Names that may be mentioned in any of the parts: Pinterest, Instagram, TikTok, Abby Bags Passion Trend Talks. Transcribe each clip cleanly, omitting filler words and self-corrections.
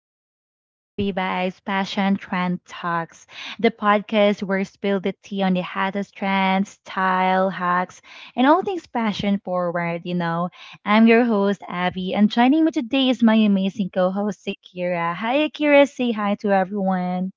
Welcome to Abby Bags Passion Trend Talks, the podcast where we spill the tea on the hottest trends, style, hacks, and all things passion forward. I'm your host, Abby, and joining me today is my amazing co-host, Akira. Hi, Akira. Say hi to everyone.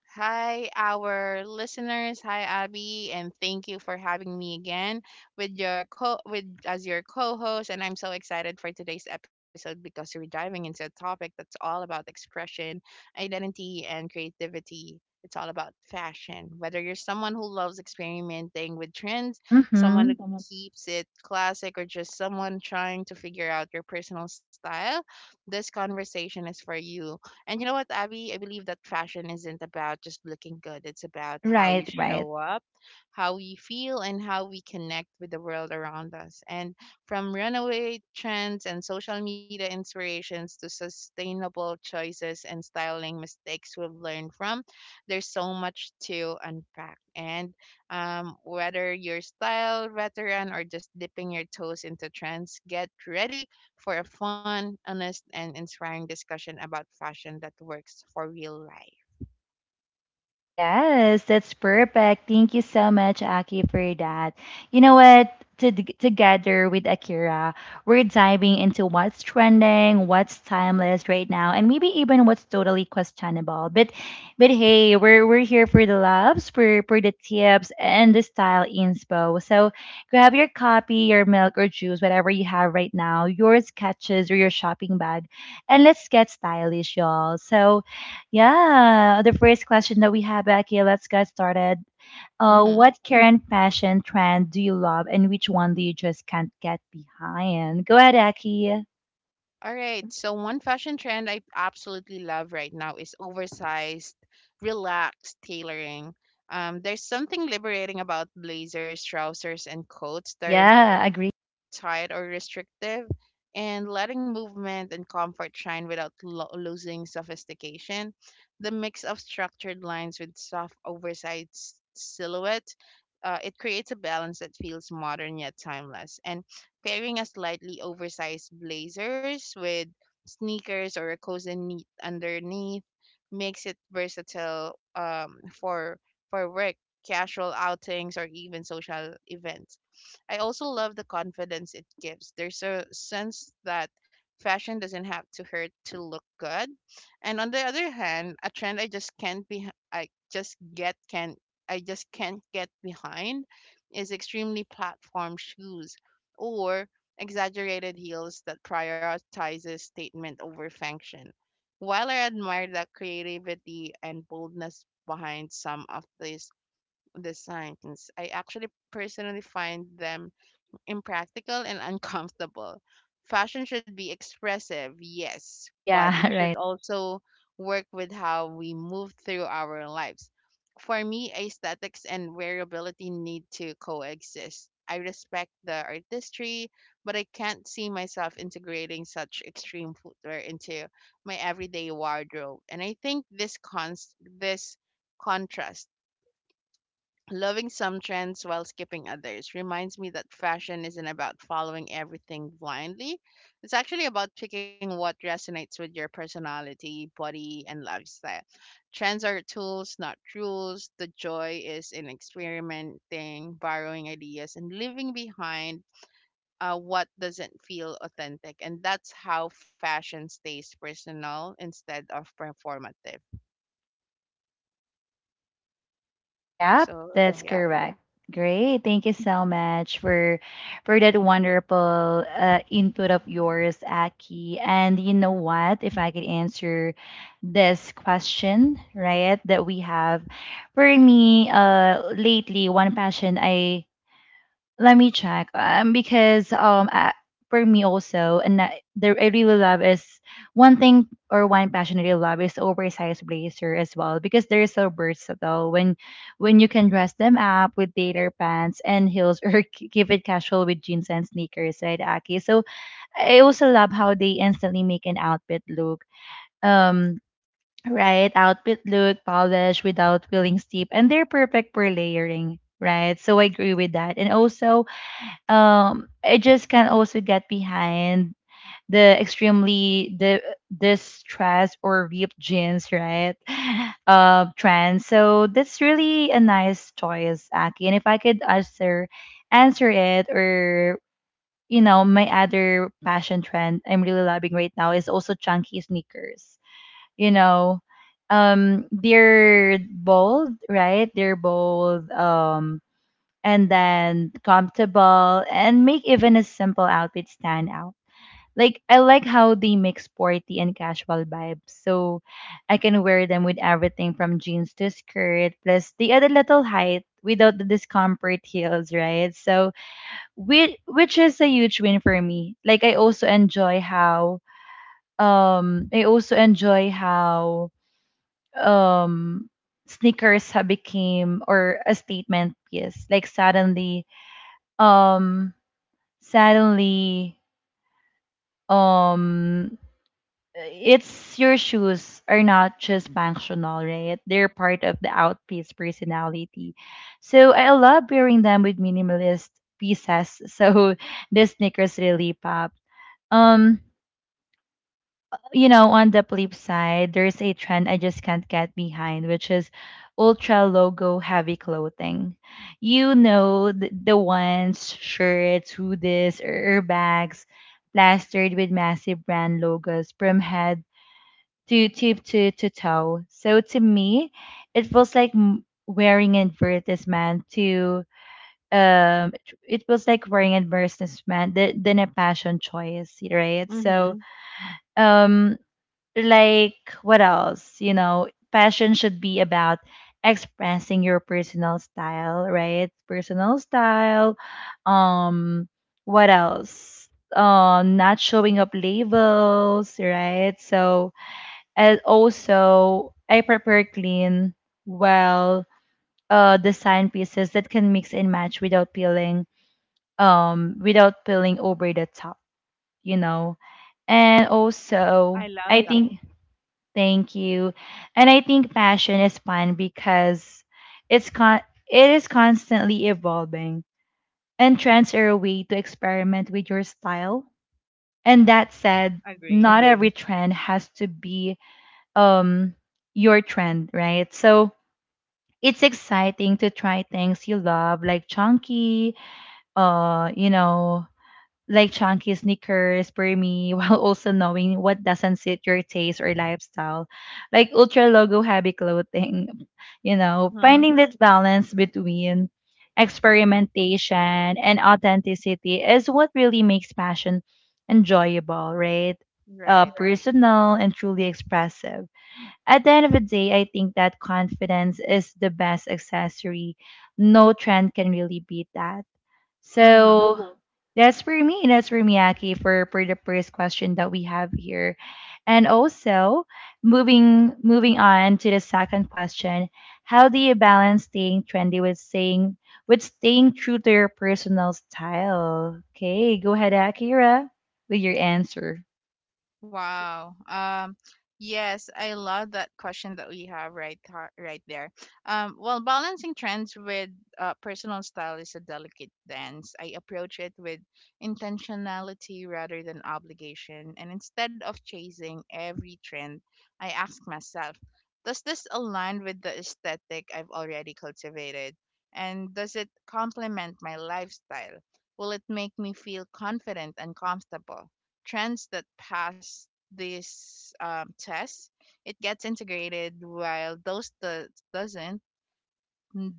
Hi, our listeners. Hi, Abby, and thank you for having me again with your co with as your co-host. And I'm so excited for today's episode because we're diving into a topic that's all about expression, identity, and creativity. It's all about fashion. Whether you're someone who loves experimenting with trends, someone Mm-hmm. who keeps it classic, or just someone trying to figure out your personal style, this conversation is for you. And you know what, Abby? I believe that fashion isn't about just looking good. It's about how Right, you right. show up, how we feel, and how we connect with the world around us. And from runaway trends and social media inspirations to sustainable choices and styling mistakes we've learned from, there's so much to unpack. And Whether you're style veteran or just dipping your toes into trends, get ready for a fun, honest, and inspiring discussion about fashion that works for real life. Yes, that's perfect. Thank you so much, Aki, for that. You know what? Together with Akira, we're diving into what's trending, what's timeless right now, and maybe even what's totally questionable. But hey, we're here for the loves, for the tips and the style inspo. So grab your coffee, your milk or juice, whatever you have right now, your sketches or your shopping bag, and let's get stylish, y'all. So yeah, the first question that we have, Becky, let's get started. Uh, hmm what current fashion trend do you love and which one do you just can't get behind? Go ahead, Aki. All right. So, one fashion trend I absolutely love right now is oversized, relaxed tailoring. There's something liberating about blazers, trousers, and coats that are Yeah, agree. tight or restrictive, and letting movement and comfort shine without losing sophistication. The mix of structured lines with soft, oversized silhouette. It creates a balance that feels modern yet timeless. And pairing a slightly oversized blazers with sneakers or a cozy knit underneath makes it versatile for work, casual outings, or even social events. I also love the confidence it gives. There's a sense that fashion doesn't have to hurt to look good. And on the other hand, a trend I just can't get behind is extremely platform shoes or exaggerated heels that prioritizes statement over function. While I admire the creativity and boldness behind some of these designs, I actually personally find them impractical and uncomfortable. Fashion should be expressive, yes, but Yeah, it right. should also work with how we move through our lives. For me, aesthetics and variability need to coexist. I respect the artistry, but I can't see myself integrating such extreme footwear into my everyday wardrobe. And I think this contrast, loving some trends while skipping others, reminds me that fashion isn't about following everything blindly. It's actually about picking what resonates with your personality, body, and lifestyle. Trends are tools, not rules. The joy is in experimenting, borrowing ideas, and leaving behind what doesn't feel authentic. And that's how fashion stays personal instead of performative. Yep, So, that's Yes. yeah. correct. Great. Thank you so much for that wonderful input of yours, Aki. And you know what? If I could answer this question, right, that we have for me, lately, one passion I let me check. Because for me also, and that there I really love is one thing or one passion I really love is oversized blazer as well because they're so versatile. When you can dress them up with tailor pants and heels or keep it casual with jeans and sneakers, right, Aki? So I also love how they instantly make an outfit look. Um. Right, outfit look polished without feeling steep, and they're perfect for layering, right? So I agree with that. And also, it just can also get behind the extremely the distressed or ripped jeans, right? Trend, so that's really a nice choice, Aki. And if I could answer answer it or you know, my other fashion trend I'm really loving right now is also chunky sneakers, you know. They're bold, right? they're bold And then comfortable and make even a simple outfit stand out. Like I like how they make sporty and casual vibes. So I can wear them with everything from jeans to skirt. Plus they add a little height without the discomfort heels, right? So which is a huge win for me. Like I also enjoy how um I also enjoy how um sneakers have became or a statement piece. Like um suddenly um it's your shoes are not just functional, right? They're part of the outfit's personality, so I love pairing them with minimalist pieces. So the sneakers really pop. um you know, on the flip side, there's a trend I just can't get behind, which is ultra logo heavy clothing. You know, the ones, shirts, hoodies, or bags plastered with massive brand logos from head to tip to toe. So to me, it feels like wearing an advertisement to um it feels like wearing advertisement than a passion choice, right? So Mm-hmm. um like what else, you know, passion should be about expressing your personal style, right? personal style um what else, not showing up labels, right? So and also I prepare clean, well, design pieces that can mix and match without peeling, without peeling over the top, you know. And also I love I that. think Thank you. And I think passion is fun because it's con- it is constantly evolving and trends are a way to experiment with your style. And that said, Agree. not hmm every trend has to be um your trend, right? So it's exciting to try things you love like uh, you know, like chunky sneakers for me, while also knowing what doesn't suit your taste or lifestyle like ultra logo heavy clothing. You know, Mm-hmm. finding that balance between experimentation and authenticity is what really makes fashion enjoyable, right? Right. Personal and truly expressive. At the end of the day, I think that confidence is the best accessory. No trend can really beat that. So Mm-hmm. Mhm. that's for me. That's for me, Aki, for the first question that we have here. And also moving on to the second question, how do you balance staying trendy with staying true to your personal style? Okay, go ahead, Akira, with your answer. Wow. Yes, I love that question that we have right there. Well, balancing trends with personal style is a delicate dance. I approach it with intentionality rather than obligation, and instead of chasing every trend, I ask myself, does this align with the aesthetic I've already cultivated, and does it complement my lifestyle? Will it make me feel confident and comfortable? Trends that pass this test, it gets integrated, while those that doesn't,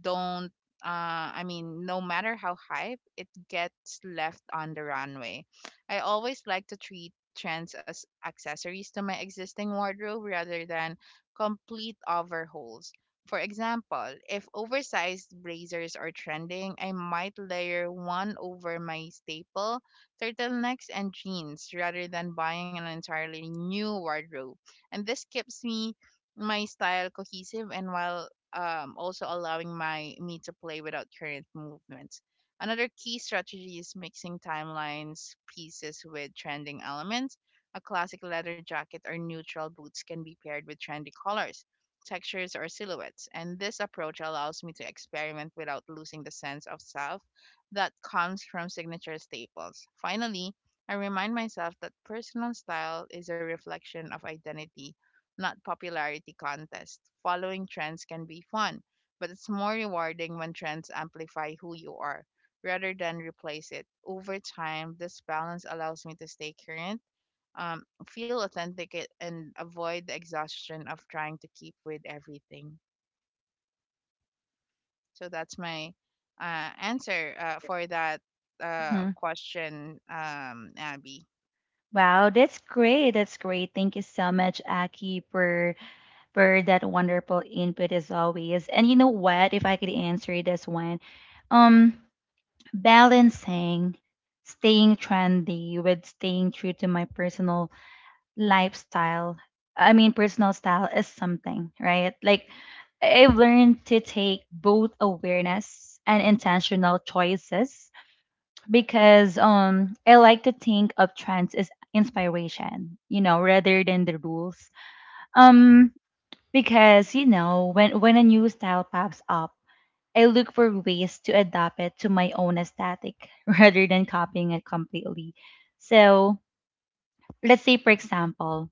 don't I mean, no matter how hype, it gets left on the runway. I always like to treat trends as accessories to my existing wardrobe rather than complete overhauls. For example, if oversized blazers are trending, I might layer one over my staple turtlenecks and jeans rather than buying an entirely new wardrobe. And this keeps me my style cohesive, and while also allowing my me to play without current movements. Another key strategy is mixing timelines pieces with trending elements. A classic leather jacket or neutral boots can be paired with trendy colors, textures, or silhouettes, and this approach allows me to experiment without losing the sense of self that comes from signature staples. Finally, I remind myself that personal style is a reflection of identity, not popularity contest. Following trends can be fun, but it's more rewarding when trends amplify who you are rather than replace it. Over time, this balance allows me to stay current, feel authentic, and avoid the exhaustion of trying to keep with everything. So that's my answer for that Hmm question, Abby. Wow, that's great. That's great. Thank you so much, Aki, for that wonderful input as always. And you know what? If I could answer this one, um, balancing staying trendy with staying true to my personal lifestyle, I mean personal style, is something, right? Like I've learned to take both awareness and intentional choices because I like to think of trends as inspiration, you know, rather than the rules. um because you know, when a new style pops up, I look for ways to adapt it to my own aesthetic rather than copying it completely. So, let's say, for example,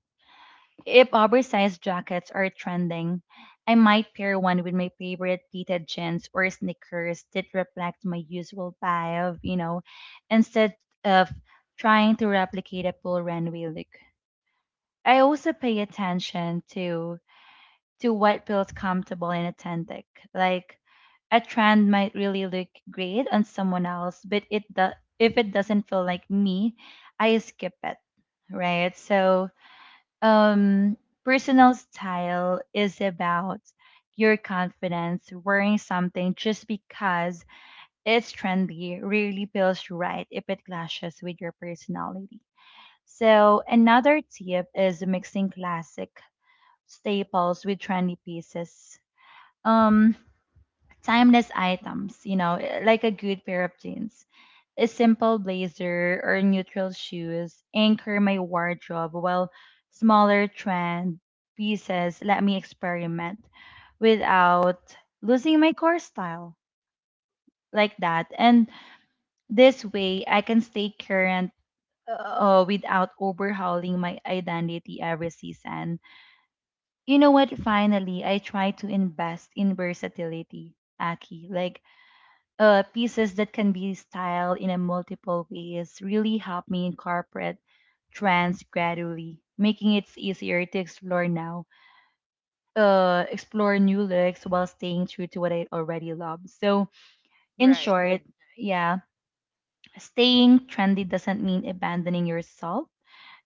if oversized jackets are trending, I might pair one with my favorite pleated jeans or sneakers that reflect my usual vibe, you know, instead of trying to replicate a full runway look. I also pay attention to what feels comfortable and authentic. Like a trend might really look great on someone else, but if it doesn't feel like me, I skip it, right? So, um, personal style is about your confidence. Wearing something just because it's trendy really feels right if it clashes with your personality. So, another tip is mixing classic staples with trendy pieces, um timeless items, you know, like a good pair of jeans, a simple blazer or neutral shoes anchor my wardrobe while smaller trend pieces let me experiment without losing my core style like that. And this way I can stay current, without overhauling my identity every season. You know what, finally, I try to invest in versatility, Aki. Like, pieces that can be styled in a multiple ways really help me incorporate trends gradually, making it easier to explore new looks while staying true to what I already love. So, in Right. short, yeah, staying trendy doesn't mean abandoning yourself.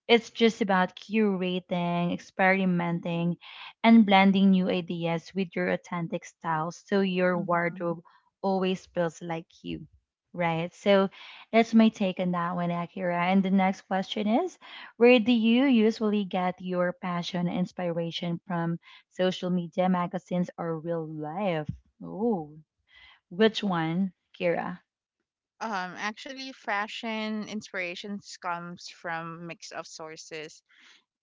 It's just about curating, experimenting, and blending new ideas with your authentic style so your hmm wardrobe always feels like you, right? So that's my take on that one, Akira. And the next question is where do you usually get your passion and inspiration from, social media, magazines, or real life? Oh, which one, Kira? Actually, fashion inspirations comes from mix of sources,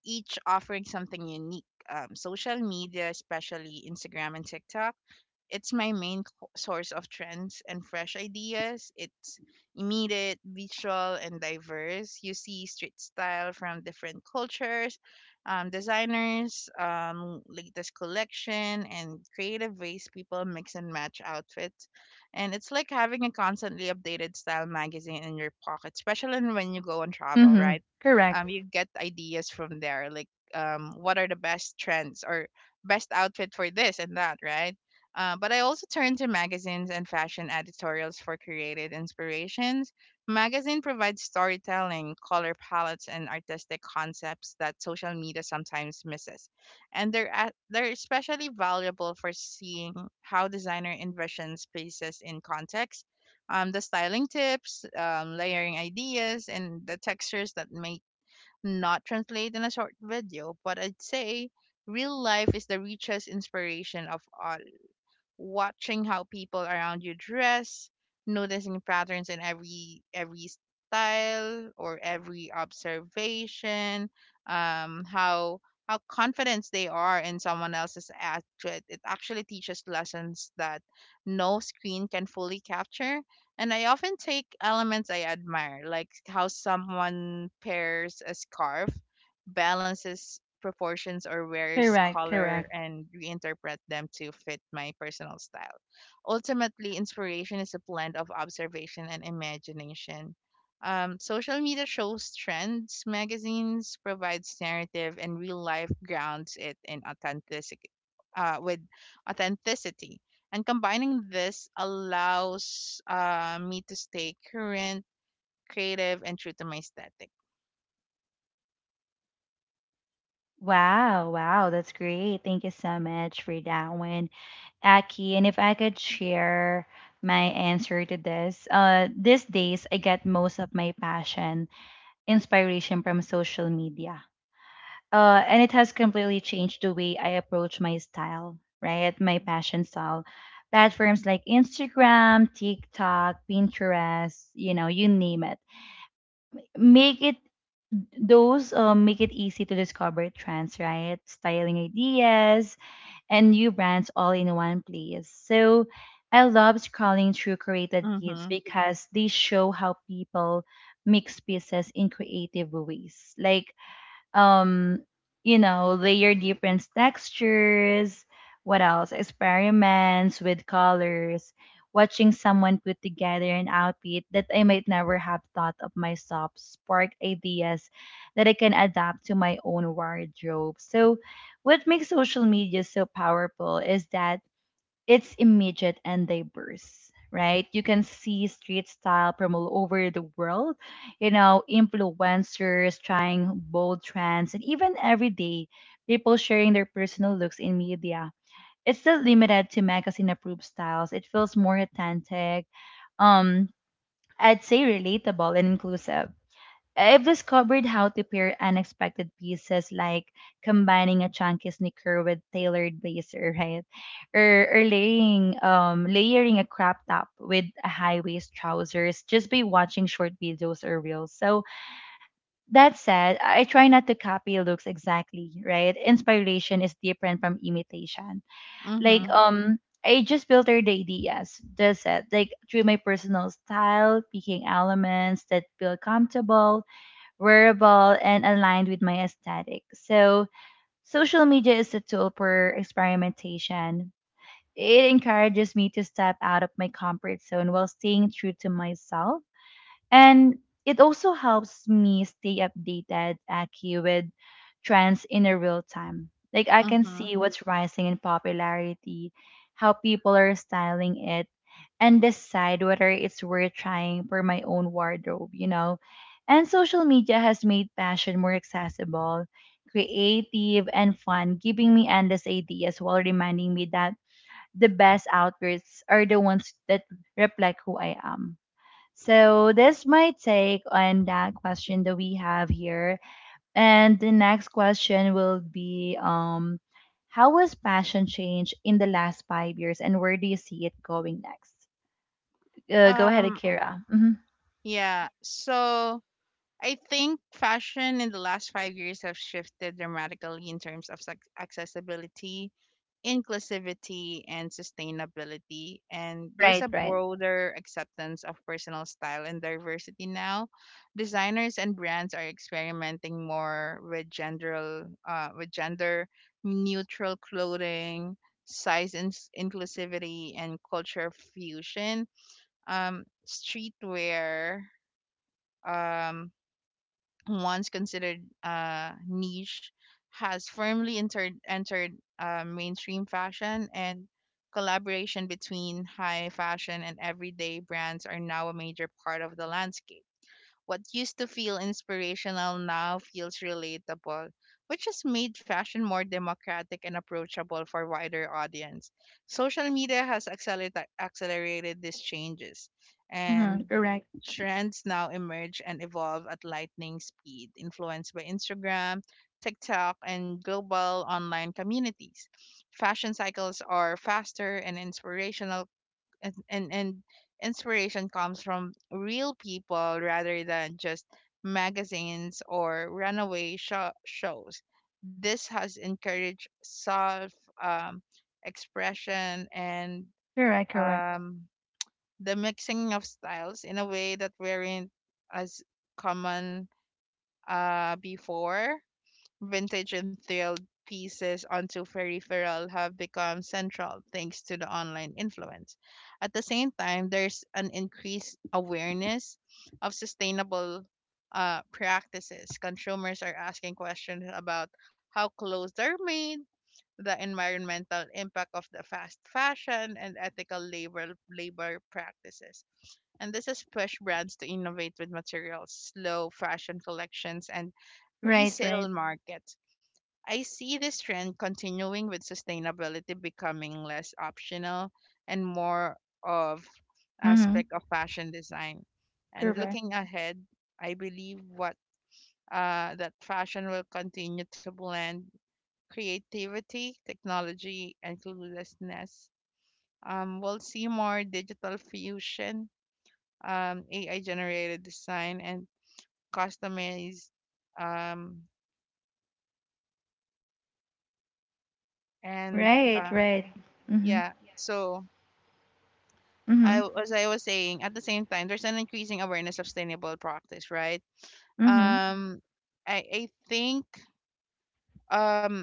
each offering something unique. Social media, especially Instagram and TikTok, it's my main source of trends and fresh ideas. It's immediate, visual, and diverse. You see street style from different cultures, designers, latest collection, and creative ways people mix and match outfits. And it's like having a constantly updated style magazine in your pocket, especially when you go on travel, Mm-hmm. right? Correct, You get ideas from there, like what are the best trends or best outfit for this and that, right? But I also turn to magazines and fashion editorials for creative inspirations. Magazine provides storytelling, color palettes, and artistic concepts that social media sometimes misses. And they're especially valuable for seeing how designer envisions spaces in context. The styling tips, layering ideas, and the textures that make not translate in a short video. But I'd say real life is the richest inspiration of all. Watching how people around you dress, noticing patterns in every style or every observation, how confident they are in someone else's outfit. It actually teaches lessons that no screen can fully capture. And I often take elements I admire, like how someone pairs a scarf, balances proportions, or wears correct, color, correct. and reinterpret them to fit my personal style. Ultimately, inspiration is a blend of observation and imagination. Social media shows trends, magazines provides narrative, and real life grounds it in authenticity. With authenticity, and combining this allows me to stay current, creative, and true to my aesthetic. Wow, wow, that's great. Thank you so much for that one, Aki. And if I could share my answer to this, these days I get most of my passion, inspiration from social media. And it has completely changed the way I approach my style, right? My passion style. Platforms like Instagram, TikTok, Pinterest, you know, you name it, make it, those make it easy to discover trends, right? Styling ideas and new brands all in one place. So I love scrolling through curated feeds Mm-hmm. because they show how people mix pieces in creative ways. Like um you know, layer different textures, what else, experiments with colors, watching someone put together an outfit that I might never have thought of myself sparked ideas that I can adapt to my own wardrobe. So what makes social media so powerful is that it's immediate and diverse, right? You can see street style from all over the world, you know, influencers trying bold trends, and even everyday people sharing their personal looks in media. It's not limited to magazine approved styles. It feels more authentic, um, I'd say relatable and inclusive. I've discovered how to pair unexpected pieces like combining a chunky sneaker with tailored blazer, right? Or laying layering a crop top with a high waist trousers just by watching short videos or reels. So that said, I try not to copy looks exactly, right? Inspiration is different from imitation. Like Mm-hmm. I just filter the ideas, that's it. Like through my personal style, picking elements that feel comfortable, wearable, and aligned with my aesthetic. So, social media is a tool for experimentation. It encourages me to step out of my comfort zone while staying true to myself. And it also helps me stay updated, Aki, with trends in a real time. Like I can Mm-hmm. see what's rising in popularity, how people are styling it, and decide whether it's worth trying for my own wardrobe, you know? And social media has made fashion more accessible, creative, and fun, giving me endless ideas while reminding me that the best outfits are the ones that reflect who I am. So this might take on that question that we have here. And the next question will be how has passion changed in the last 5 years and where do you see it going next? Go ahead, Um, Akira. Hmm. yeah. So I think fashion in the last 5 years have shifted dramatically in terms of accessibility, inclusivity, and sustainability. And there's Right, a right. broader acceptance of personal style and diversity now. Designers and brands are experimenting more with gender neutral clothing, size ins inclusivity, and culture fusion, streetwear, um, once considered niche, has firmly entered entered mainstream fashion, and collaboration between high fashion and everyday brands are now a major part of the landscape. What used to feel inspirational now feels relatable, which has made fashion more democratic and approachable for wider audience. Social media has accelerated these changes, Mm-hmm. and Correct. trends now emerge and evolve at lightning speed, influenced by Instagram, TikTok, and global online communities. Fashion cycles are faster and inspirational, and inspiration comes from real people rather than just magazines or runaway shows. This has encouraged self um, expression and Correct, correct. um, the mixing of styles in a way that weren't as common before. Vintage and thrilled pieces onto peripheral have become central thanks to the online influence. At the same time, there's an increased awareness of sustainable practices. Consumers are asking questions about how clothes are made, the environmental impact of the fast fashion, and ethical labor practices. And this has pushed brands to innovate with materials, slow fashion collections, and Right, resale right. markets. I see this trend continuing with sustainability becoming less optional and more of Mm-hmm. aspect of fashion design. And Correct. looking ahead, I believe what that fashion will continue to blend creativity, technology, and cluelessness. We'll see more digital fusion, AI generated design, and customized. Um, and Right, uh, right. Mm-hmm. yeah, so I, Mm-hmm. as I was saying, at the same time, there's an increasing awareness of sustainable practice, right? Mm-hmm. Um, I think um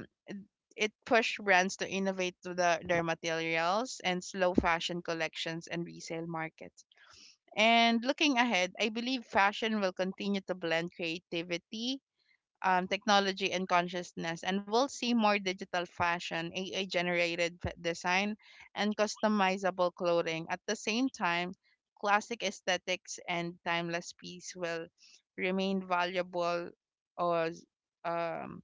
it pushed brands to innovate their materials, and slow fashion collections and resale markets. And looking ahead, I believe fashion will continue to blend creativity, technology, and consciousness, and we'll see more digital fashion, AI generated design, and customizable clothing. At the same time, classic aesthetics and timeless piece will remain valuable, or um,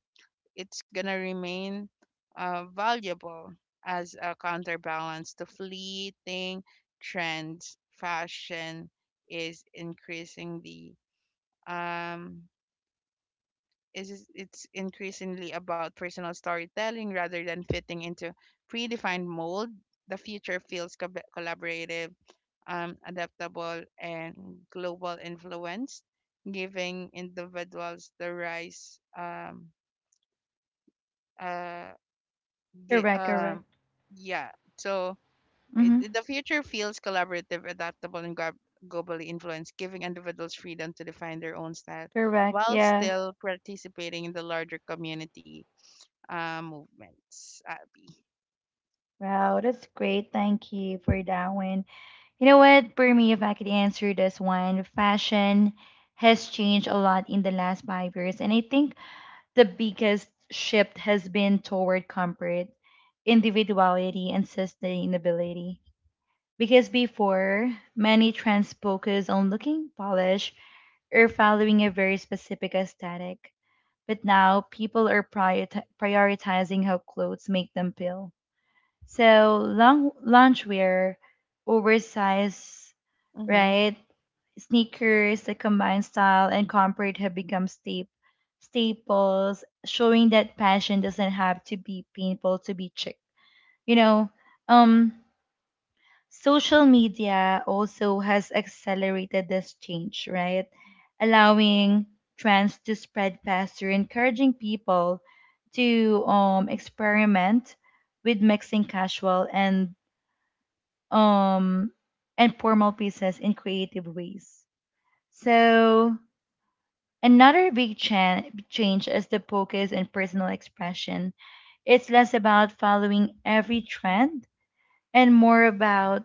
it's gonna remain valuable as a counterbalance to fleeting trends. Fashion is increasingly um, is it's increasingly about personal storytelling rather than fitting into predefined mold. The future feels collaborative, adaptable, and global influence, giving individuals the rise. Uh, gi- Correct, correct. um, yeah. So Mm-hmm. it, the future feels collaborative, adaptable, and globally influenced, giving individuals freedom to define their own style Correct. while Yeah. still participating in the larger community movements, Abby. Wow, that's great. Thank you for that one. You know what? For me, if I could answer this one, fashion has changed a lot in the last 5 years. And I think the biggest shift has been toward comfort, individuality, and sustainability. Because before, many trends focused on looking polished or following a very specific aesthetic. But now, people are prioritizing how clothes make them feel, so long loungewear, oversized, Mm-hmm. right? Sneakers that combine style and comfort have become staples, showing that passion doesn't have to be painful to be chic. You know, um, social media also has accelerated this change, right? Allowing trends to spread faster, encouraging people to experiment with mixing casual and um, and formal pieces in creative ways. So another change is the focus and personal expression. It's less about following every trend and more about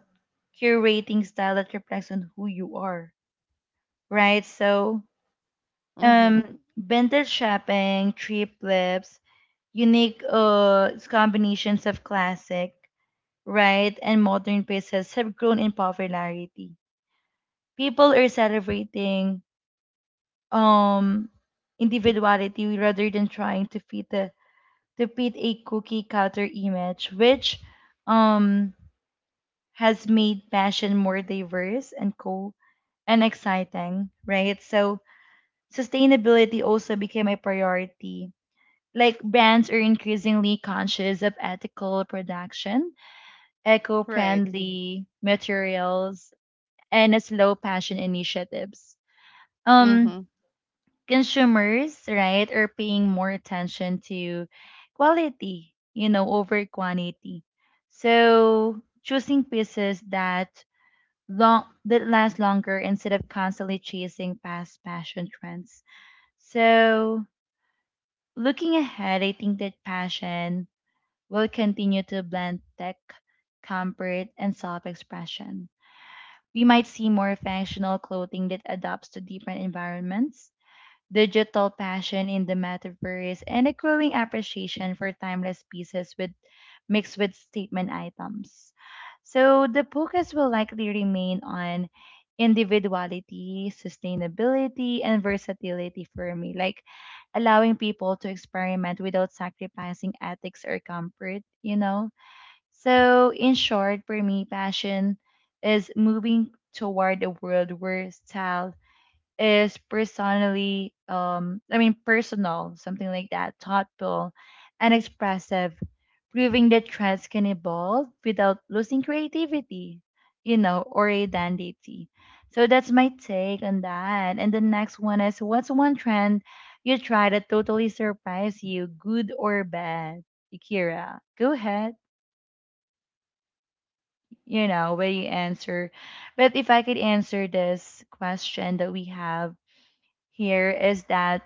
curating style that reflects on who you are, right? So Mm-hmm. Vintage shopping, trip flips, unique combinations of classic, right, and modern pieces have grown in popularity. People are celebrating um individuality rather than trying to fit the to fit a cookie cutter image, which um has made passion more diverse and cool and exciting, right? So sustainability also became a priority. Like brands are increasingly conscious of ethical production, Right. eco-friendly materials, and slow passion initiatives. um Mm-hmm. Consumers, right, are paying more attention to quality, you know, over quantity. So choosing pieces that long that last longer instead of constantly chasing past fashion trends. So looking ahead, I think that passion will continue to blend tech, comfort, and self-expression. We might see more functional clothing that adapts to different environments, digital passion in the metaverse, and a growing appreciation for timeless pieces with mixed with statement items. So the focus will likely remain on individuality, sustainability, and versatility for me, like allowing people to experiment without sacrificing ethics or comfort, you know? So, in short, for me, passion is moving toward a world where style is personally I mean personal, something like that, thoughtful and expressive, proving that trends can evolve without losing creativity, you know, or identity. So that's my take on that, and the next one is what's one trend you try that totally surprised you, good or bad? Akira, go ahead. You know where you answer, but if I could answer this question that we have here is that,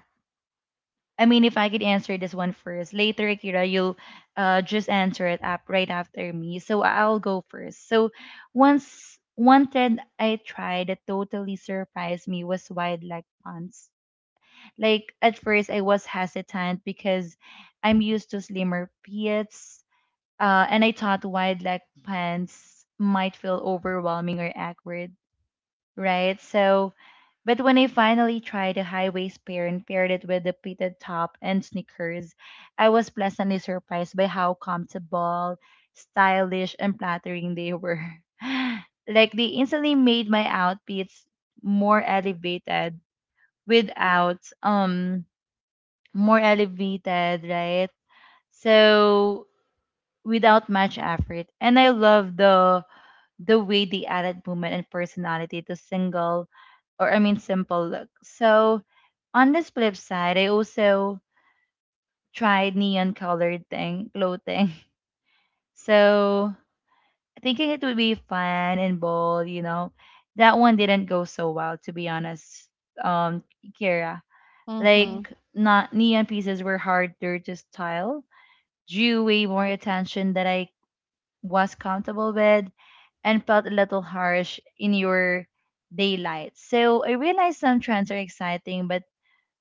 I mean, if I could answer this one first, later, Akira, you'll just answer it up right after me. So I'll go first. So once one trend I tried that totally surprised me was wide leg pants. Like at first, I was hesitant because I'm used to slimmer pits, and I thought wide leg pants might feel overwhelming or awkward, right? So but when I finally tried a high waist pair and paired it with a pleated top and sneakers, I was pleasantly surprised by how comfortable, stylish, and flattering they were. Like they instantly made my outfits more elevated without um more elevated, right? So without much effort. And I love the way they added movement and personality to single or I mean simple look. So on this flip side, I also tried neon colored thing clothing. So thinking it would be fun and bold, you know, that one didn't go so well to be honest. Um, Kira, Mm-hmm. like not neon pieces were harder to style, drew way more attention that I was comfortable with, and felt a little harsh in your daylight. So I realize some trends are exciting, but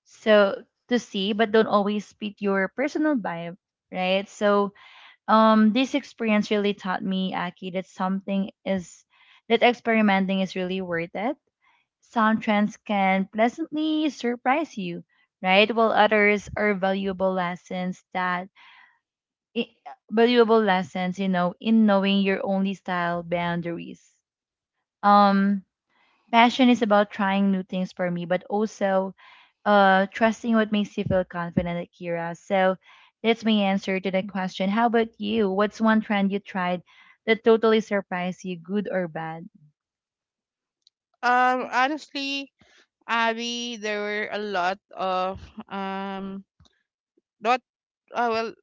so to see, but don't always fit your personal vibe, right? So this experience really taught me, Aki, that something is that experimenting is really worth it. Some trends can pleasantly surprise you, right? While others are i- valuable lessons, you know, in knowing your only style boundaries. Um, Passion is about trying new things for me, but also trusting what makes you feel confident, Akira. So that's my answer to the question. How about you? What's one trend you tried that totally surprised you, good or bad? Honestly, Abby, there were a lot of um not well,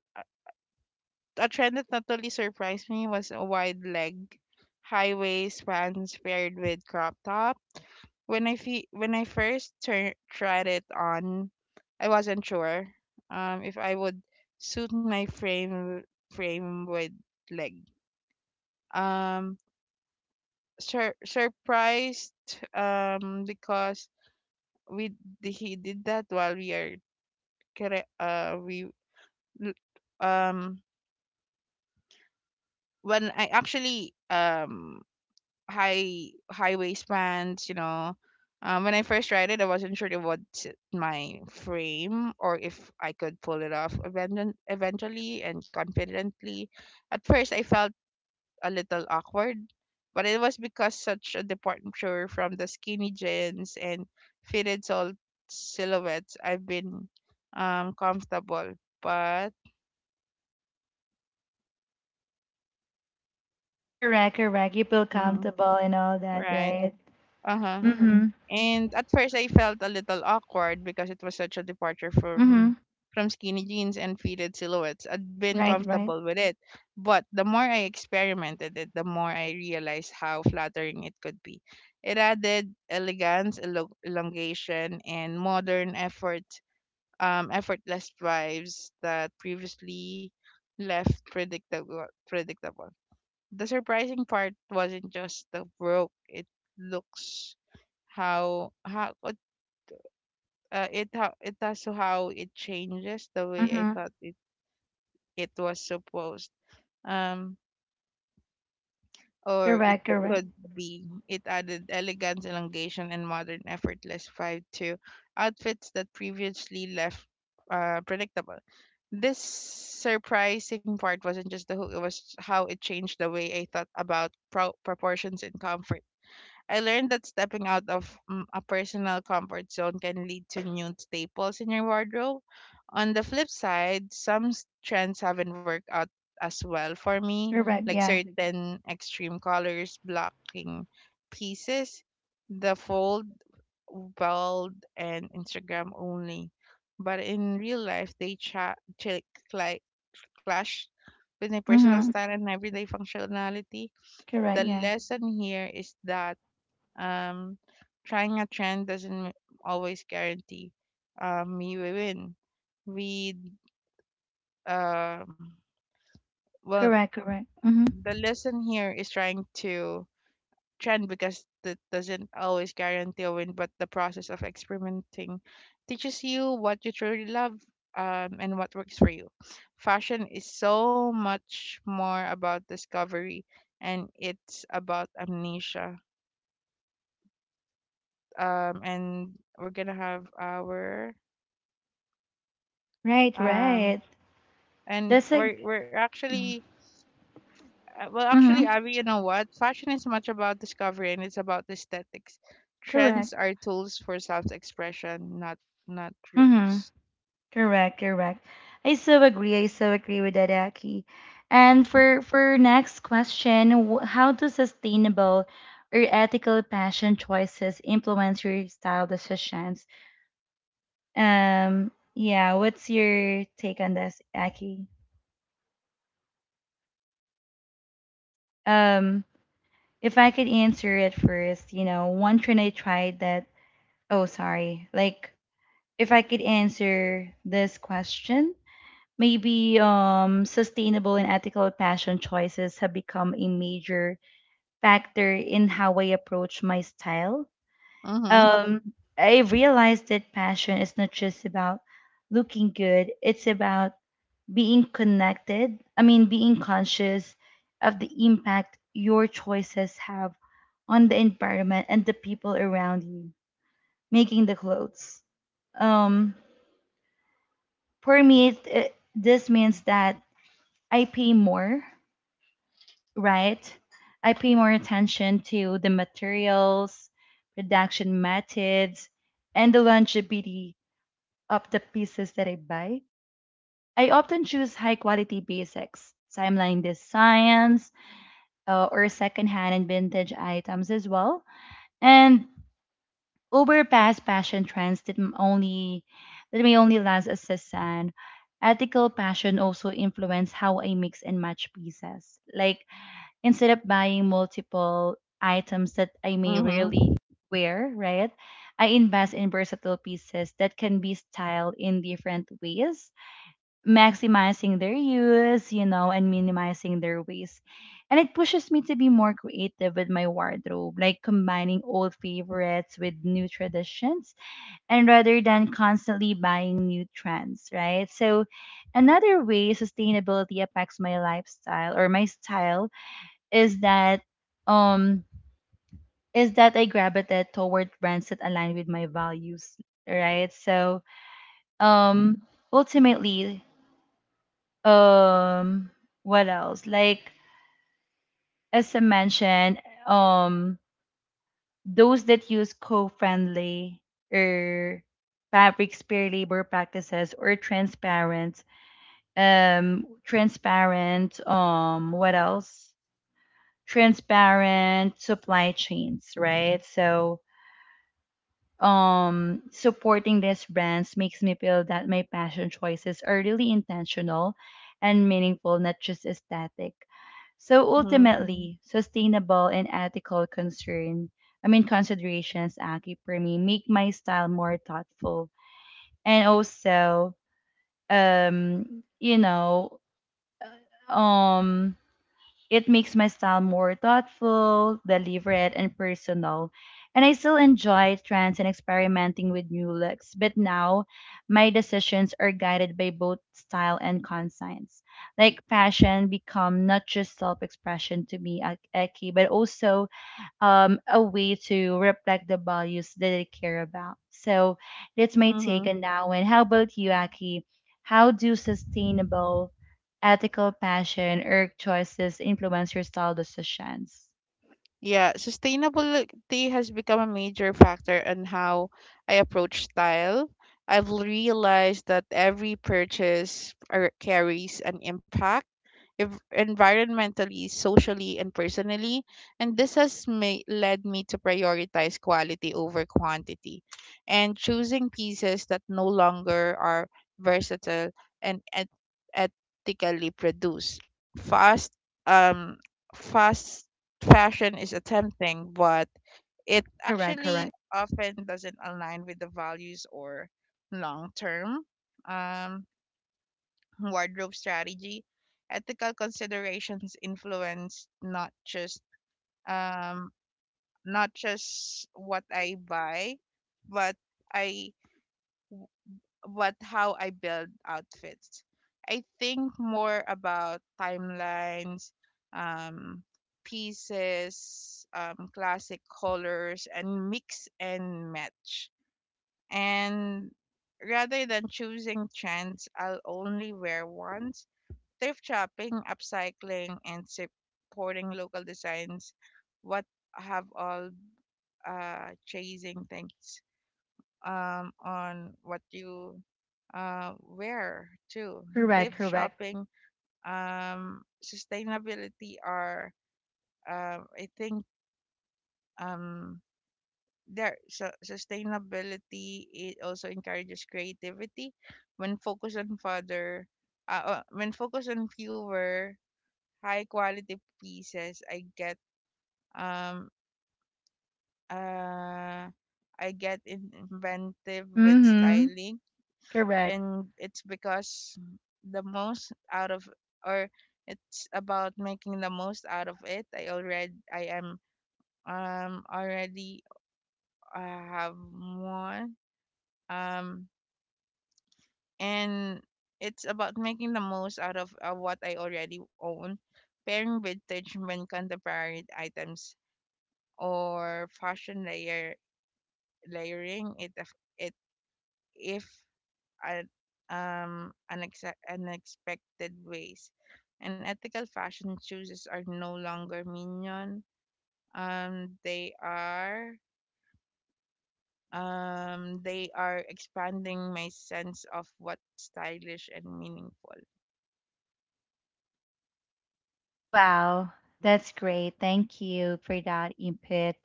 a trend that not totally surprised me was a wide leg high waist pants paired with crop top. When I first tried it on, I wasn't sure if I would suit my frame with leg. Um sur- surprised because we d- he did that while we are cre- we l- um when I actually High waistbands, when I first tried it I wasn't sure it was my frame or if I could pull it off eventually and confidently. At first I felt a little awkward, but it was because such a departure from the skinny jeans and fitted sol silhouettes I've been comfortable. But Correct, correct. You feel Mhm. comfortable and all that, Right. right? Uh-huh. Mm-hmm. And at first I felt a little awkward because it was such a departure Mm-hmm. from skinny jeans and fitted silhouettes. I'd been Right, right. comfortable with it, but the more I experimented it, the more I realized how flattering it could be. It added elegance, elongation, and modern effortless vibes that previously left predictable. Predictable. The surprising part wasn't just the broke. It looks how it it how it has to how it changes the way I Mm-hmm. thought it it was supposed um or it Correct, correct. could be. It added elegance, elongation, and modern effortless vibe to outfits that previously left predictable. This surprising part wasn't just the hook, it was how it changed the way I thought about proportions and comfort. I learned that stepping out of a personal comfort zone can lead to new staples in your wardrobe. On the flip side, some trends haven't worked out as well for me, Correct, like yeah. certain extreme colors blocking pieces, the fold, world and Instagram only. But in real life, they cli- clash with my personal Mm-hmm. style and everyday functionality. Correct, The yeah. lesson here is that um, trying a trend doesn't always guarantee me we win. We, um, well, Correct, correct. Mm-hmm. the lesson here is trying to trend, because that doesn't always guarantee a win, but the process of experimenting teaches you what you truly love, and what works for you. Fashion is so much more about discovery and it's about amnesia. And we're gonna have our Right, um right. and That's a. We're actually well actually Mm-hmm. Abby, you know what, fashion is much about discovery and it's about aesthetics. Correct. Trends are tools for self-expression, not Mm-hmm. rules. Correct, correct. I so agree. I so agree with that, Aki. And for next question, how do sustainable or ethical passion choices influence your style decisions? Yeah, what's your take on this, Aki? Um, if I could answer it first, you know, one trend I tried that. Oh, sorry. Like, if I could answer this question, maybe sustainable and ethical fashion choices have become a major factor in how I approach my style. Mhm. I realized that passion is not just about looking good, it's about being connected. I mean, being conscious of the impact your choices have on the environment and the people around you making the clothes. um for me this means that I pay more right? I pay more attention to the materials, production methods, and the longevity of the pieces that I buy. I often choose high quality basics, timeline designs, or secondhand and vintage items as well, and over past fashion trends that m- only that may only last a season. Ethical fashion also influence how I mix and match pieces. Like instead of buying multiple items that I may Mhm. rarely wear, right? I invest in versatile pieces that can be styled in different ways, maximizing their use, you know, and minimizing their waste. And it pushes me to be more creative with my wardrobe, like combining old favorites with new traditions, and rather than constantly buying new trends, right? So another way sustainability affects my lifestyle or my style is that um I gravitate toward brands that align with my values, right? So um ultimately, um what else? Like as I mentioned, um those that use co-friendly or fabrics peer labor practices or transparent transparent what else transparent supply chains, right? So supporting these brands makes me feel that my passion choices are really intentional and meaningful, not just aesthetic. So Mhm. ultimately sustainable and ethical concern I mean considerations, Aki, for me make my style more thoughtful. And also, um you know um it makes my style more thoughtful, deliberate, and personal. And I still enjoy trends and experimenting with new looks, but now my decisions are guided by both style and conscience. Like fashion become not just self-expression to me, Eki, but also a way to reflect the values that they care about. So that's my take Mhm. on that one. How about you, Aki? How do sustainable, ethical passion or choices influence your style decisions? Yeah, sustainability has become a major factor in how I approach style. I've realized that every purchase carries an impact, environmentally, socially, and personally. And this has led me to prioritize quality over quantity and choosing pieces that no longer are versatile and ethically produced. Fast, um, fast fashion is attempting, but it Correct, actually correct. often doesn't align with the values or long term. Um, Wardrobe strategy, ethical considerations influence not just um what I buy, but I but how I build outfits. I think more about timelines, um, pieces, classic colors, and mix and match. And rather than choosing trends I'll only wear once, thrift shopping, upcycling, and supporting local designs. What have all chasing things on what you wear too. Correct, Thrift correct. shopping, sustainability are, I think, um, there. So sustainability it also encourages creativity, when focused on fewer high quality pieces. Um uh I get inventive with Mm-hmm. styling, Correct. and the most out of or it's about making the most out of it. I already I am already have one um and it's about making the most out of what I already own, pairing vintage when contemporary items, or fashion layering it af- it if uh, unex- unexpected ways. And ethical fashion choices are no longer minion, they are, they are expanding my sense of what's stylish and meaningful. Wow, that's great. Thank you for that input,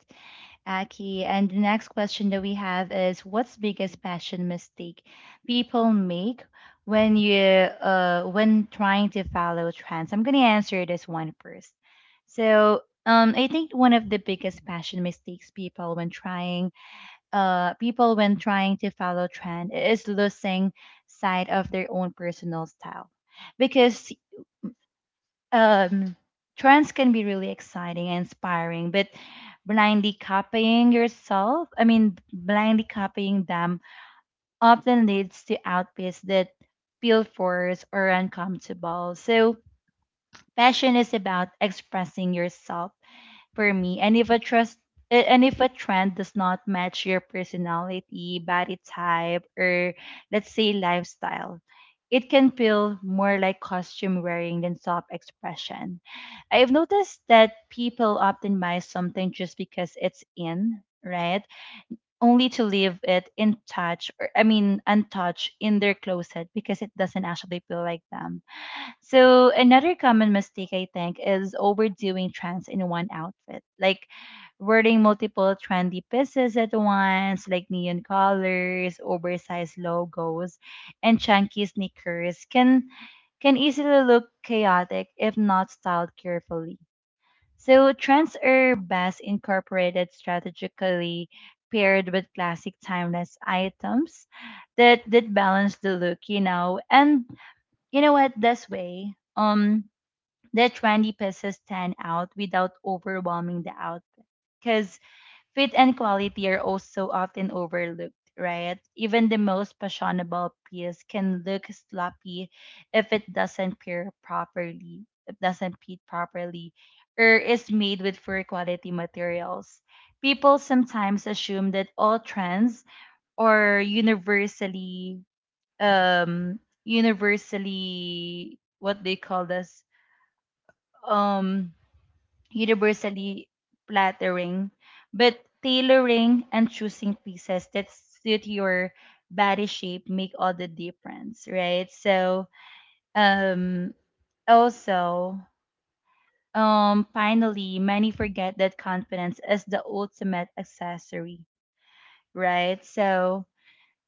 Aki. And the next question that we have is what's biggest passion mistake people make when trying to follow trends? I'm gonna answer this one first. So I think one of the biggest passion mistakes people when trying to follow trend is losing sight of their own personal style. Because um trends can be really exciting and inspiring, but blindly copying yourself I mean blindly copying them often leads to outfits that feel forced or uncomfortable. So fashion is about expressing yourself, for me. And if a trend does not match your personality, body type, or let's say lifestyle, it can feel more like costume wearing than self expression. I've noticed that people often buy something just because it's in, right? Only to leave it in touch or I mean untouched in their closet because it doesn't actually feel like them. So another common mistake I think is overdoing trends in one outfit. Like wearing multiple trendy pieces at once, like neon colors, oversized logos, and chunky sneakers, can easily look chaotic if not styled carefully. So trends are best incorporated strategically, paired with classic timeless items that balance the look, you know. And you know what, this way, the trendy pieces stand out without overwhelming the out, because fit and quality are also often overlooked, right? Even the most fashionable piece can look sloppy if doesn't fit properly or is made with poor quality materials. People sometimes assume that all trends are universally um universally what they call this um universally flattering, but tailoring and choosing pieces that suit your body shape make all the difference, right? So, um, also, finally, many forget that confidence is the ultimate accessory, right? So,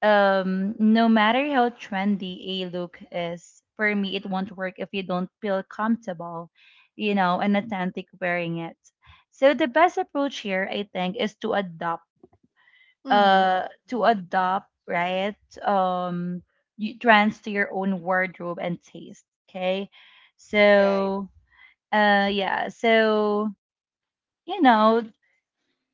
um no matter how trendy a look is, for me it won't work if you don't feel comfortable and authentic wearing it. So the best approach here, I think, is to adopt Mm-hmm. uh to adopt right? um Trends to your own wardrobe and taste. Okay. Right. so uh yeah so you know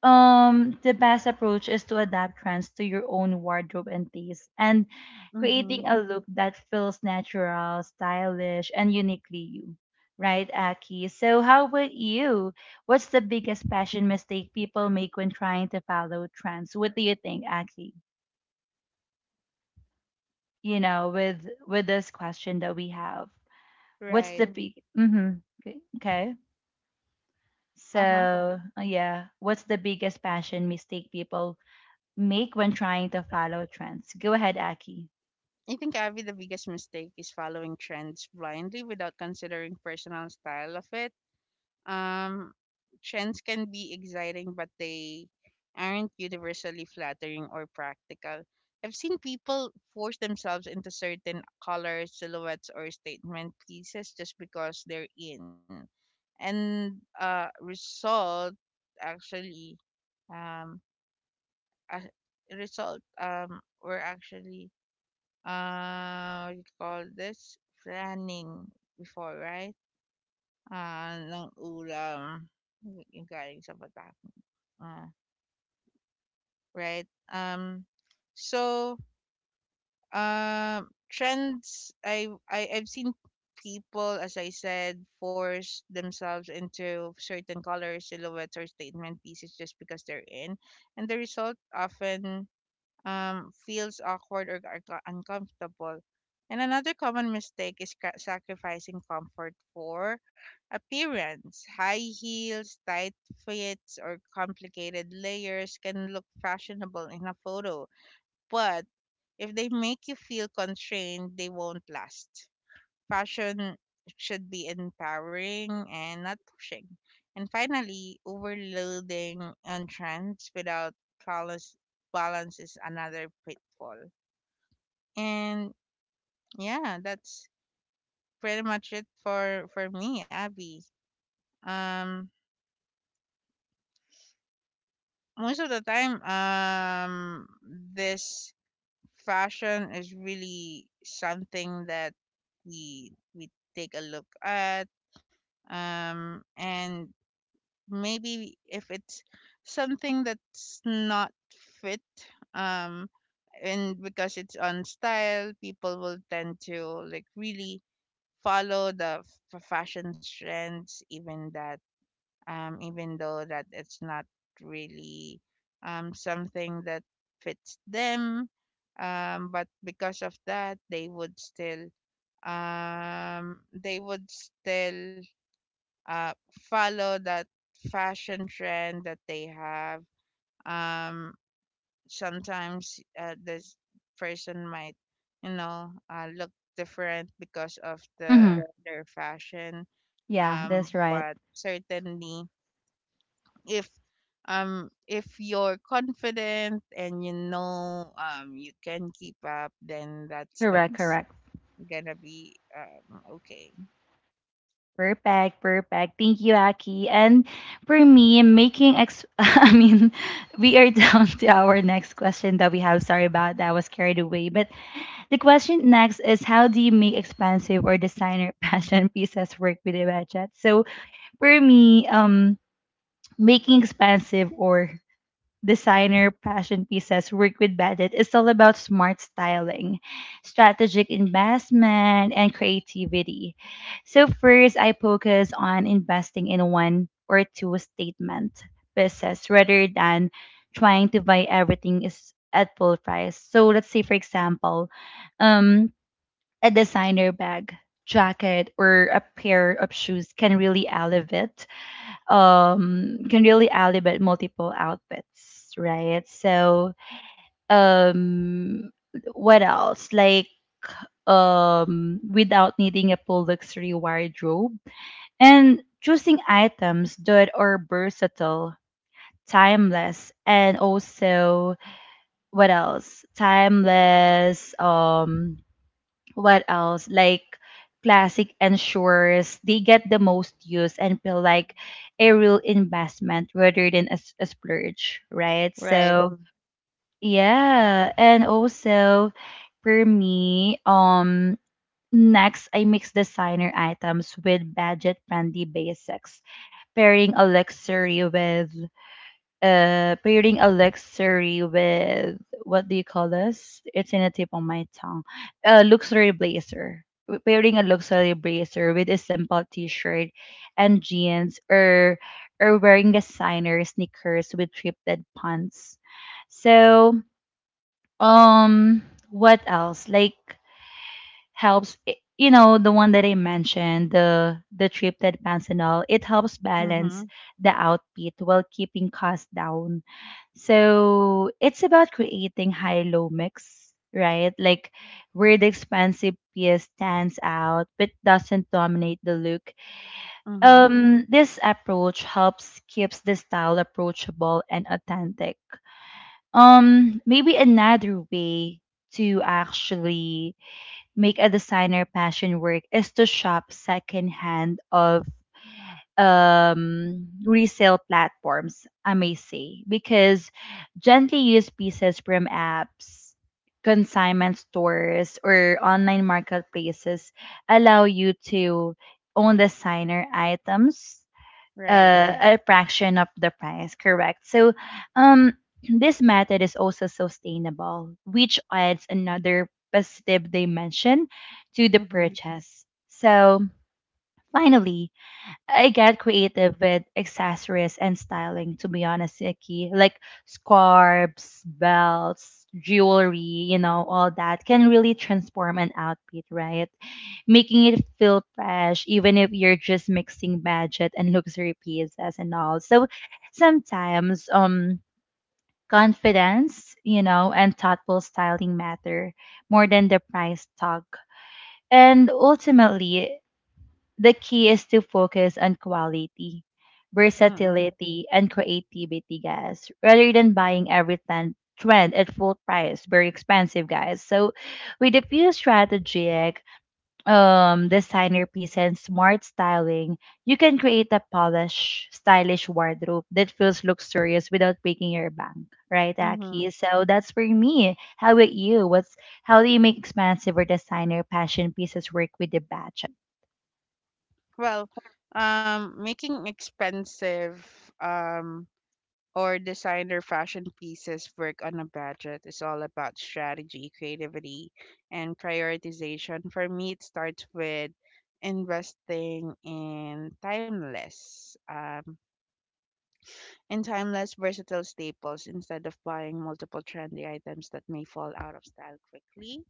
um the best approach is to adapt trends to your own wardrobe and taste, and Mm-hmm. creating a look that feels natural, stylish, and uniquely you. Right, Aki? So how about you? What's the biggest fashion mistake people make when trying to follow trends? What do you think, Aki? With this question that we have. What's Right. the Mm. big mm-hmm. Okay. Uh-huh. So yeah, what's the biggest fashion mistake people make when trying to follow trends? Go ahead, Aki. I think, Avi, the biggest mistake is following trends blindly without considering personal style of it. Um, Trends can be exciting, but they aren't universally flattering or practical. I've seen people force themselves into certain colors, silhouettes, or statement pieces just because they're in. And result actually, um, uh, result were actually what do you call this? Planning before, right? Ah, ng ulam, yung galing sa bata ko. Ah, right? So, Trends, I've seen people, as I said, force themselves into certain colors, silhouettes, or statement pieces just because they're in. And the result often, feels awkward or uncomfortable. And another common mistake is sacrificing comfort for appearance. High heels, tight fits, or complicated layers can look fashionable in a photo, but if they make you feel constrained, they won't last. Fashion should be empowering and not pushing. And finally, overloading on trends without balance, balance is another pitfall. And yeah, that's pretty much it for me, Abby. Um, Most of the time, this fashion is really something that we take a look at, and maybe if it's something that's not fit, um and because it's on style, people will tend to like really follow the fashion trends, even that, even though that it's not really something that fits them, but because of that they would still, um they would still uh, follow that fashion trend that they have. Um, Sometimes this person might, you know, look different because of Mm-hmm. the their fashion. Yeah, that's right. But certainly, if if you're confident and you know, you can keep up, then that's Correct, that's correct. gonna be, okay. Perfect, perfect. Thank you, Aki. And for me, making ex— I mean, we are down to our next question that we have. Sorry about that, I was carried away. But the question next is, how do you make expensive or designer fashion pieces work with a budget? So for me, making expensive or designer passion pieces work with budget is all about smart styling, strategic investment, and creativity. So first, I focus on investing in one or two statement pieces rather than trying to buy everything is at full price. So let's say, for example, um, a designer bag, jacket, or a pair of shoes can really elevate multiple outfits, right? So um what else like without needing a full luxury wardrobe, and choosing items that are versatile, timeless, and also what else timeless what else? Like classic ensures they get the most use and feel like a real investment rather than a splurge, right? Right. So yeah, and also for me, next I mix designer items with budget friendly basics, pairing a luxury with pairing a luxury with what do you call this? It's in the tip of my tongue. A luxury blazer. Pairing a luxury blazer with a simple t-shirt and jeans, or wearing designer sneakers with thrifted pants. So, um what else? Like helps you know, the one that I mentioned, the thrifted pants and all, it helps balance Mhm. the outfit while keeping costs down. So it's about creating high-low mix, right? Like where the expansive piece stands out but doesn't dominate the look. Mhm. This approach helps keeps the style approachable and authentic. Maybe another way to actually make a designer passion work is to shop secondhand of, resale platforms, I may say, because gently used pieces from apps, consignment stores, or online marketplaces allow you to own designer items. Right. Right. A fraction of the price, correct? So, um, this method is also sustainable, which adds another positive dimension to the Mhm. purchase. So, finally, I get creative with accessories and styling, to be honest, Iki. Like scarves, belts, jewelry, you know, all that can really transform an outfit, right? Making it feel fresh, even if you're just mixing budget and luxury pieces and all. So sometimes, confidence, you know, and thoughtful styling matter more than the price tag. And ultimately, the key is to focus on quality, Mm-mm. versatility, and creativity, guys, rather than buying every trend at full price, very expensive, guys. So, with a few strategic designer piece and smart styling, you can create a polished, stylish wardrobe that feels luxurious without breaking your bank, right, Mm-hmm. Aki? So that's for me. How about you? What's how do you make expensive or designer passion pieces work with the budget? Well, making expensive, um, or designer fashion pieces work on a budget is all about strategy, creativity, and prioritization. For me, it starts with investing in timeless, versatile staples instead of buying multiple trendy items that may fall out of style quickly.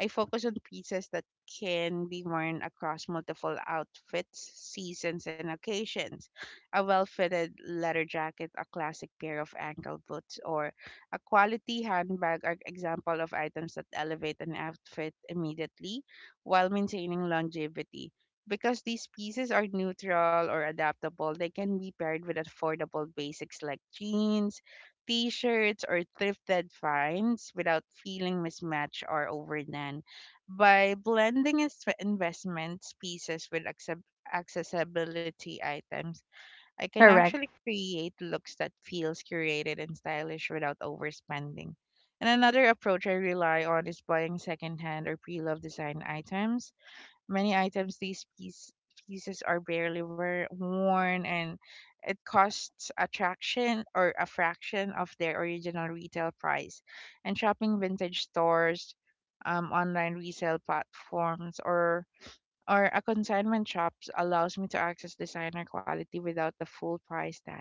I focus on pieces that can be worn across multiple outfits, seasons, and occasions. A well fitted leather jacket, a classic pair of ankle boots, or a quality handbag are example of items that elevate an outfit immediately while maintaining longevity. Because these pieces are neutral or adaptable, they can be paired with affordable basics like jeans, t-shirts, or thrifted finds without feeling mismatched or overdone. By blending investments pieces with accessibility items, I can Correct. actually create looks that feels curated and stylish without overspending. And another approach I rely on is buying secondhand or pre-loved design items. Many items, pieces are barely worn, and it costs a fraction of their original retail price. And shopping vintage stores, online resale platforms, or a consignment shops allows me to access designer quality without the full price tag.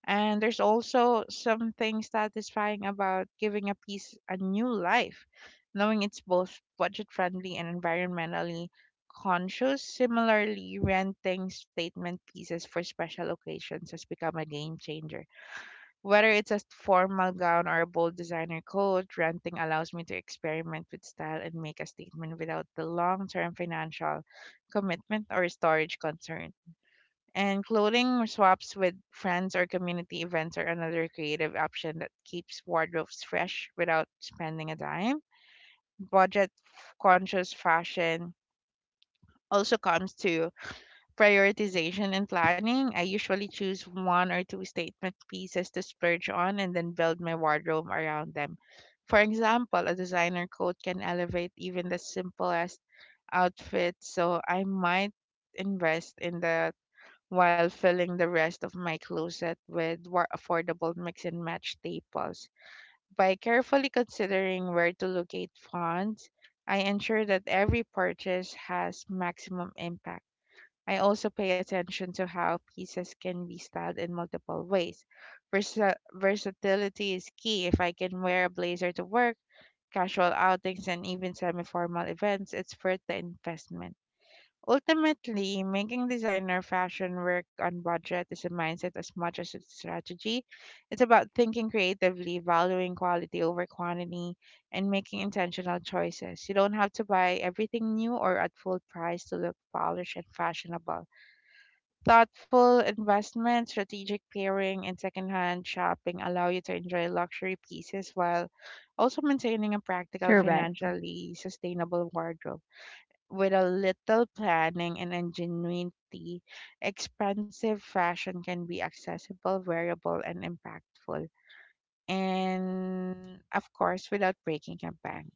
And there's also something satisfying about giving a piece a new life, knowing it's both budget friendly and environmentally conscious. Similarly, renting statement pieces for special occasions has become a game changer. Whether it's a formal gown or a bold designer coat, renting allows me to experiment with style and make a statement without the long term financial commitment or storage concern. And clothing swaps with friends or community events are another creative option that keeps wardrobes fresh without spending a dime. Budget conscious fashion also comes to prioritization and planning. I usually choose one or two statement pieces to splurge on and then build my wardrobe around them. For example, a designer coat can elevate even the simplest outfit, so I might invest in the while filling the rest of my closet with more affordable mix and match staples. By carefully considering where to locate funds, I ensure that every purchase has maximum impact. I also pay attention to how pieces can be styled in multiple ways. Versatility is key. If I can wear a blazer to work, casual outings, and even semi formal events, it's worth the investment. Ultimately, making designer fashion work on budget is a mindset as much as it's strategy. It's about thinking creatively, valuing quality over quantity, and making intentional choices. You don't have to buy everything new or at full price to look polished and fashionable. Thoughtful investment, strategic pairing, and secondhand shopping allow you to enjoy luxury pieces while also maintaining a practical, Correct. financially sustainable wardrobe. With a little planning and ingenuity, expensive fashion can be accessible, wearable, and impactful. And of course, without breaking a bank.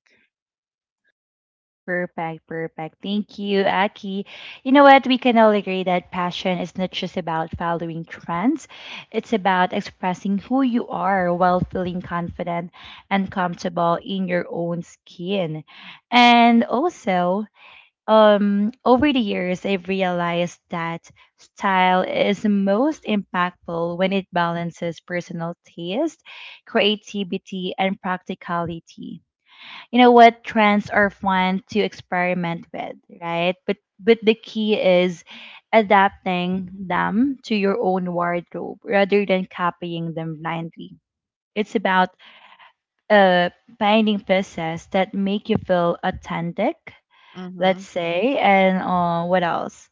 Perfect, perfect. Thank you, Aki. You know what? We can all agree that passion is not just about following trends, it's about expressing who you are while feeling confident and comfortable in your own skin. And also, over the years, I've realized that style is most impactful when it balances personal taste, creativity, and practicality. You know what, trends are fun to experiment with, right? But the key is adapting them to your own wardrobe rather than copying them blindly. It's about uh finding pieces that make you feel authentic, let's Mm-hmm. say, and what else,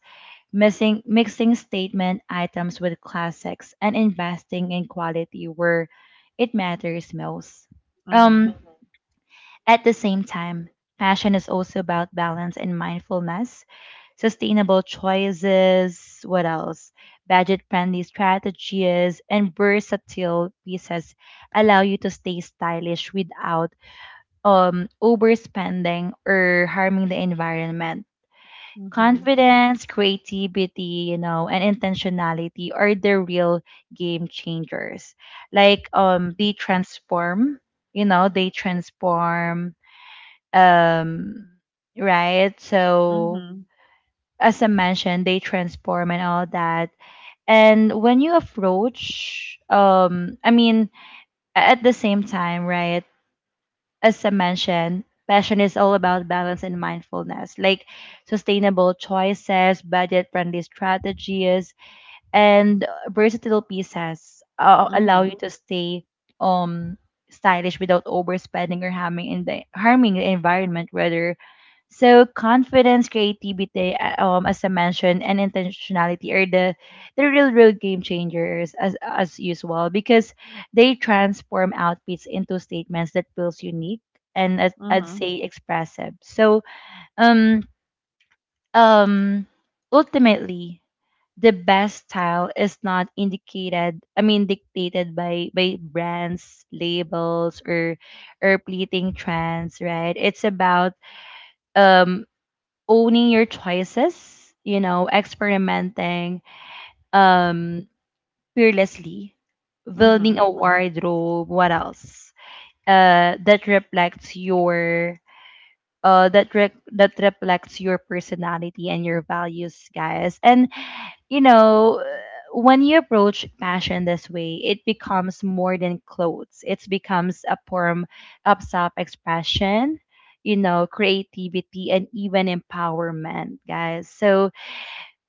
missing mixing statement items with classics and investing in quality where it matters most. Mm-hmm. um at the same time, passion is also about balance and mindfulness, sustainable choices, what else? Budget friendly strategies and versatile pieces allow you to stay stylish without overspending or harming the environment. Mm-hmm. Confidence, creativity, you know, and intentionality are the real game changers. Like they transform, you know, they transform um right so Mm-hmm. as I mentioned, they transform and all that. And when you approach, I mean at the same time, right, as I mentioned, passion is all about balance and mindfulness, like sustainable choices, budget friendly strategies, and versatile pieces allow Mm-hmm. you to stay um stylish without overspending or harming the environment, rather. So confidence, creativity, as I mentioned, and intentionality are the real, real game changers, as usual, because they transform outfits into statements that feels unique and, as I'd say, expressive. So um um ultimately, the best style is not indicated I mean dictated by brands, labels, or fleeting trends, right? It's about um owning your choices, you know, experimenting um fearlessly, building Mm-hmm. a wardrobe, what else? That reflects your that reflects your personality and your values, guys. And you know, when you approach fashion this way, it becomes more than clothes. It becomes a form of self-expression, you know, creativity and even empowerment, guys. So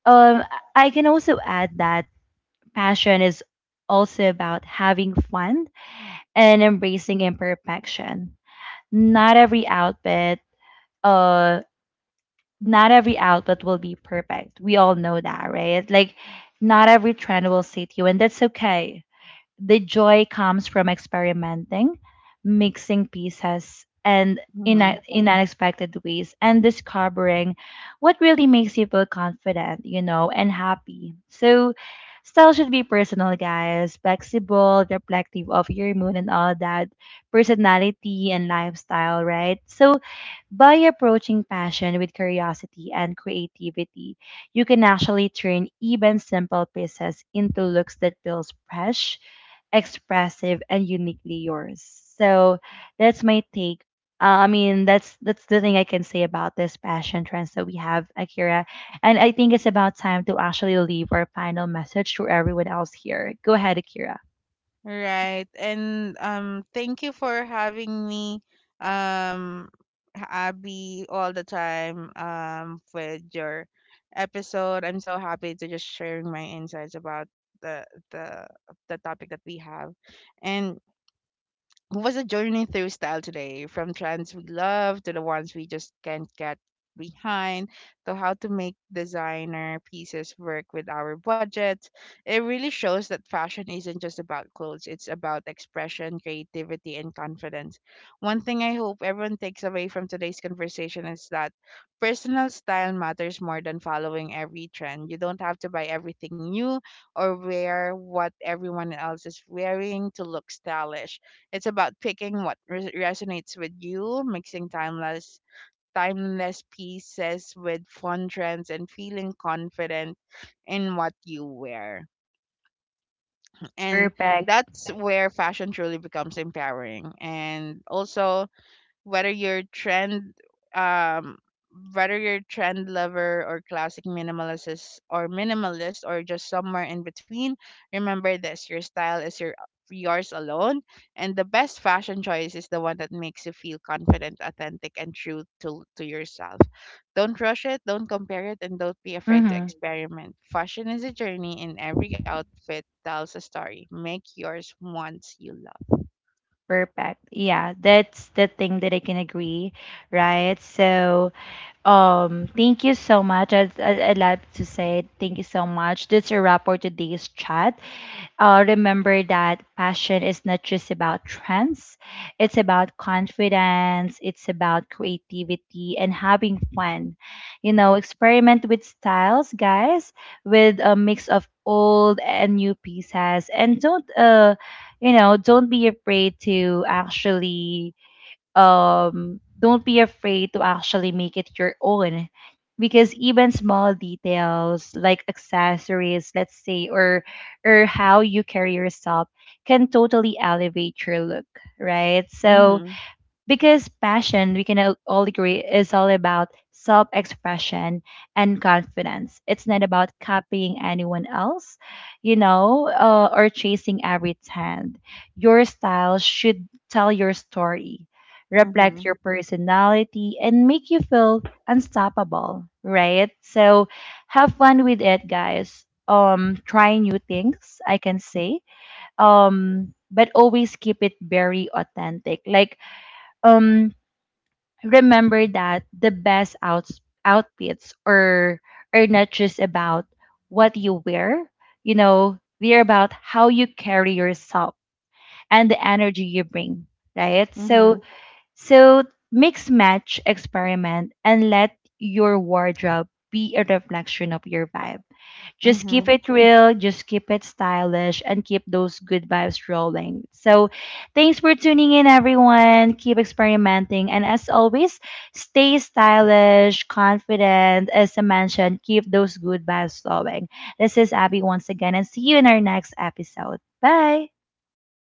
um, I can also add that passion is also about having fun and embracing imperfection. Not every outfit, uh, not every outfit will be perfect. We all know that, right? Like, not every trend will suit you, and that's okay. The joy comes from experimenting, mixing pieces, and Mm-hmm. in unexpected ways, and discovering what really makes you feel confident, you know, and happy. So, style should be personal, guys, flexible, reflective of your mood and all that, personality and lifestyle, right? So, by approaching passion with curiosity and creativity, you can actually turn even simple pieces into looks that feels fresh, expressive, and uniquely yours. So that's my take. I mean, that's the thing I can say about this passion trends that we have, Akira. And I think it's about time to actually leave our final message to everyone else here. Go ahead, Akira. Right. And thank you for having me, um Abby, all the time, with your episode. I'm so happy to just sharing my insights about the the the topic that we have. And was a journey through style today, from trends we love to the ones we just can't get behind, to how to make designer pieces work with our budget. It really shows that fashion isn't just about clothes, it's about expression, creativity, and confidence. One thing I hope everyone takes away from today's conversation is that personal style matters more than following every trend. You don't have to buy everything new or wear what everyone else is wearing to look stylish. It's about picking what resonates with you, mixing timeless pieces with fun trends, and feeling confident in what you wear. And Perfect. that's where fashion truly becomes empowering. And also, whether you're trend, um lover, or classic minimalist, or just somewhere in between, remember this: your style is yours alone, and the best fashion choice is the one that makes you feel confident, authentic, and true to yourself. Don't rush it, don't compare it, and don't be afraid to Mm-hmm. experiment. Fashion is a journey and every outfit tells a story. Make yours once you love. Perfect. Yeah, that's the thing that I can agree, right? So, thank you so much. I'd like to say thank you so much. That's a wrap for today's chat. Remember that passion is not just about trends, it's about confidence, it's about creativity and having fun. You know, experiment with styles, guys, with a mix of old and new pieces. And don't, you know, don't be afraid to actually don't be afraid to actually make it your own, because even small details like accessories, let's say, or how you carry yourself can totally elevate your look, right? So Mm-hmm. because passion, we can all agree, is all about self expression and confidence. It's not about copying anyone else, or chasing every trend. Your style should tell your story, reflect Mm-hmm. your personality, and make you feel unstoppable, right? So have fun with it, guys. Try new things, I can say. But always keep it very authentic. Like, um remember that the best outs outfits are not just about what you wear, you know, they're about how you carry yourself and the energy you bring, right? Mm-hmm. So mix, match, experiment, and let your wardrobe be a reflection of your vibe. Just keep Mm-hmm. it real, just keep it stylish, and keep those good vibes rolling. So, thanks for tuning in, everyone. Keep experimenting. And as always, stay stylish, confident. As I mentioned, keep those good vibes flowing. This is Abby once again, and see you in our next episode. Bye.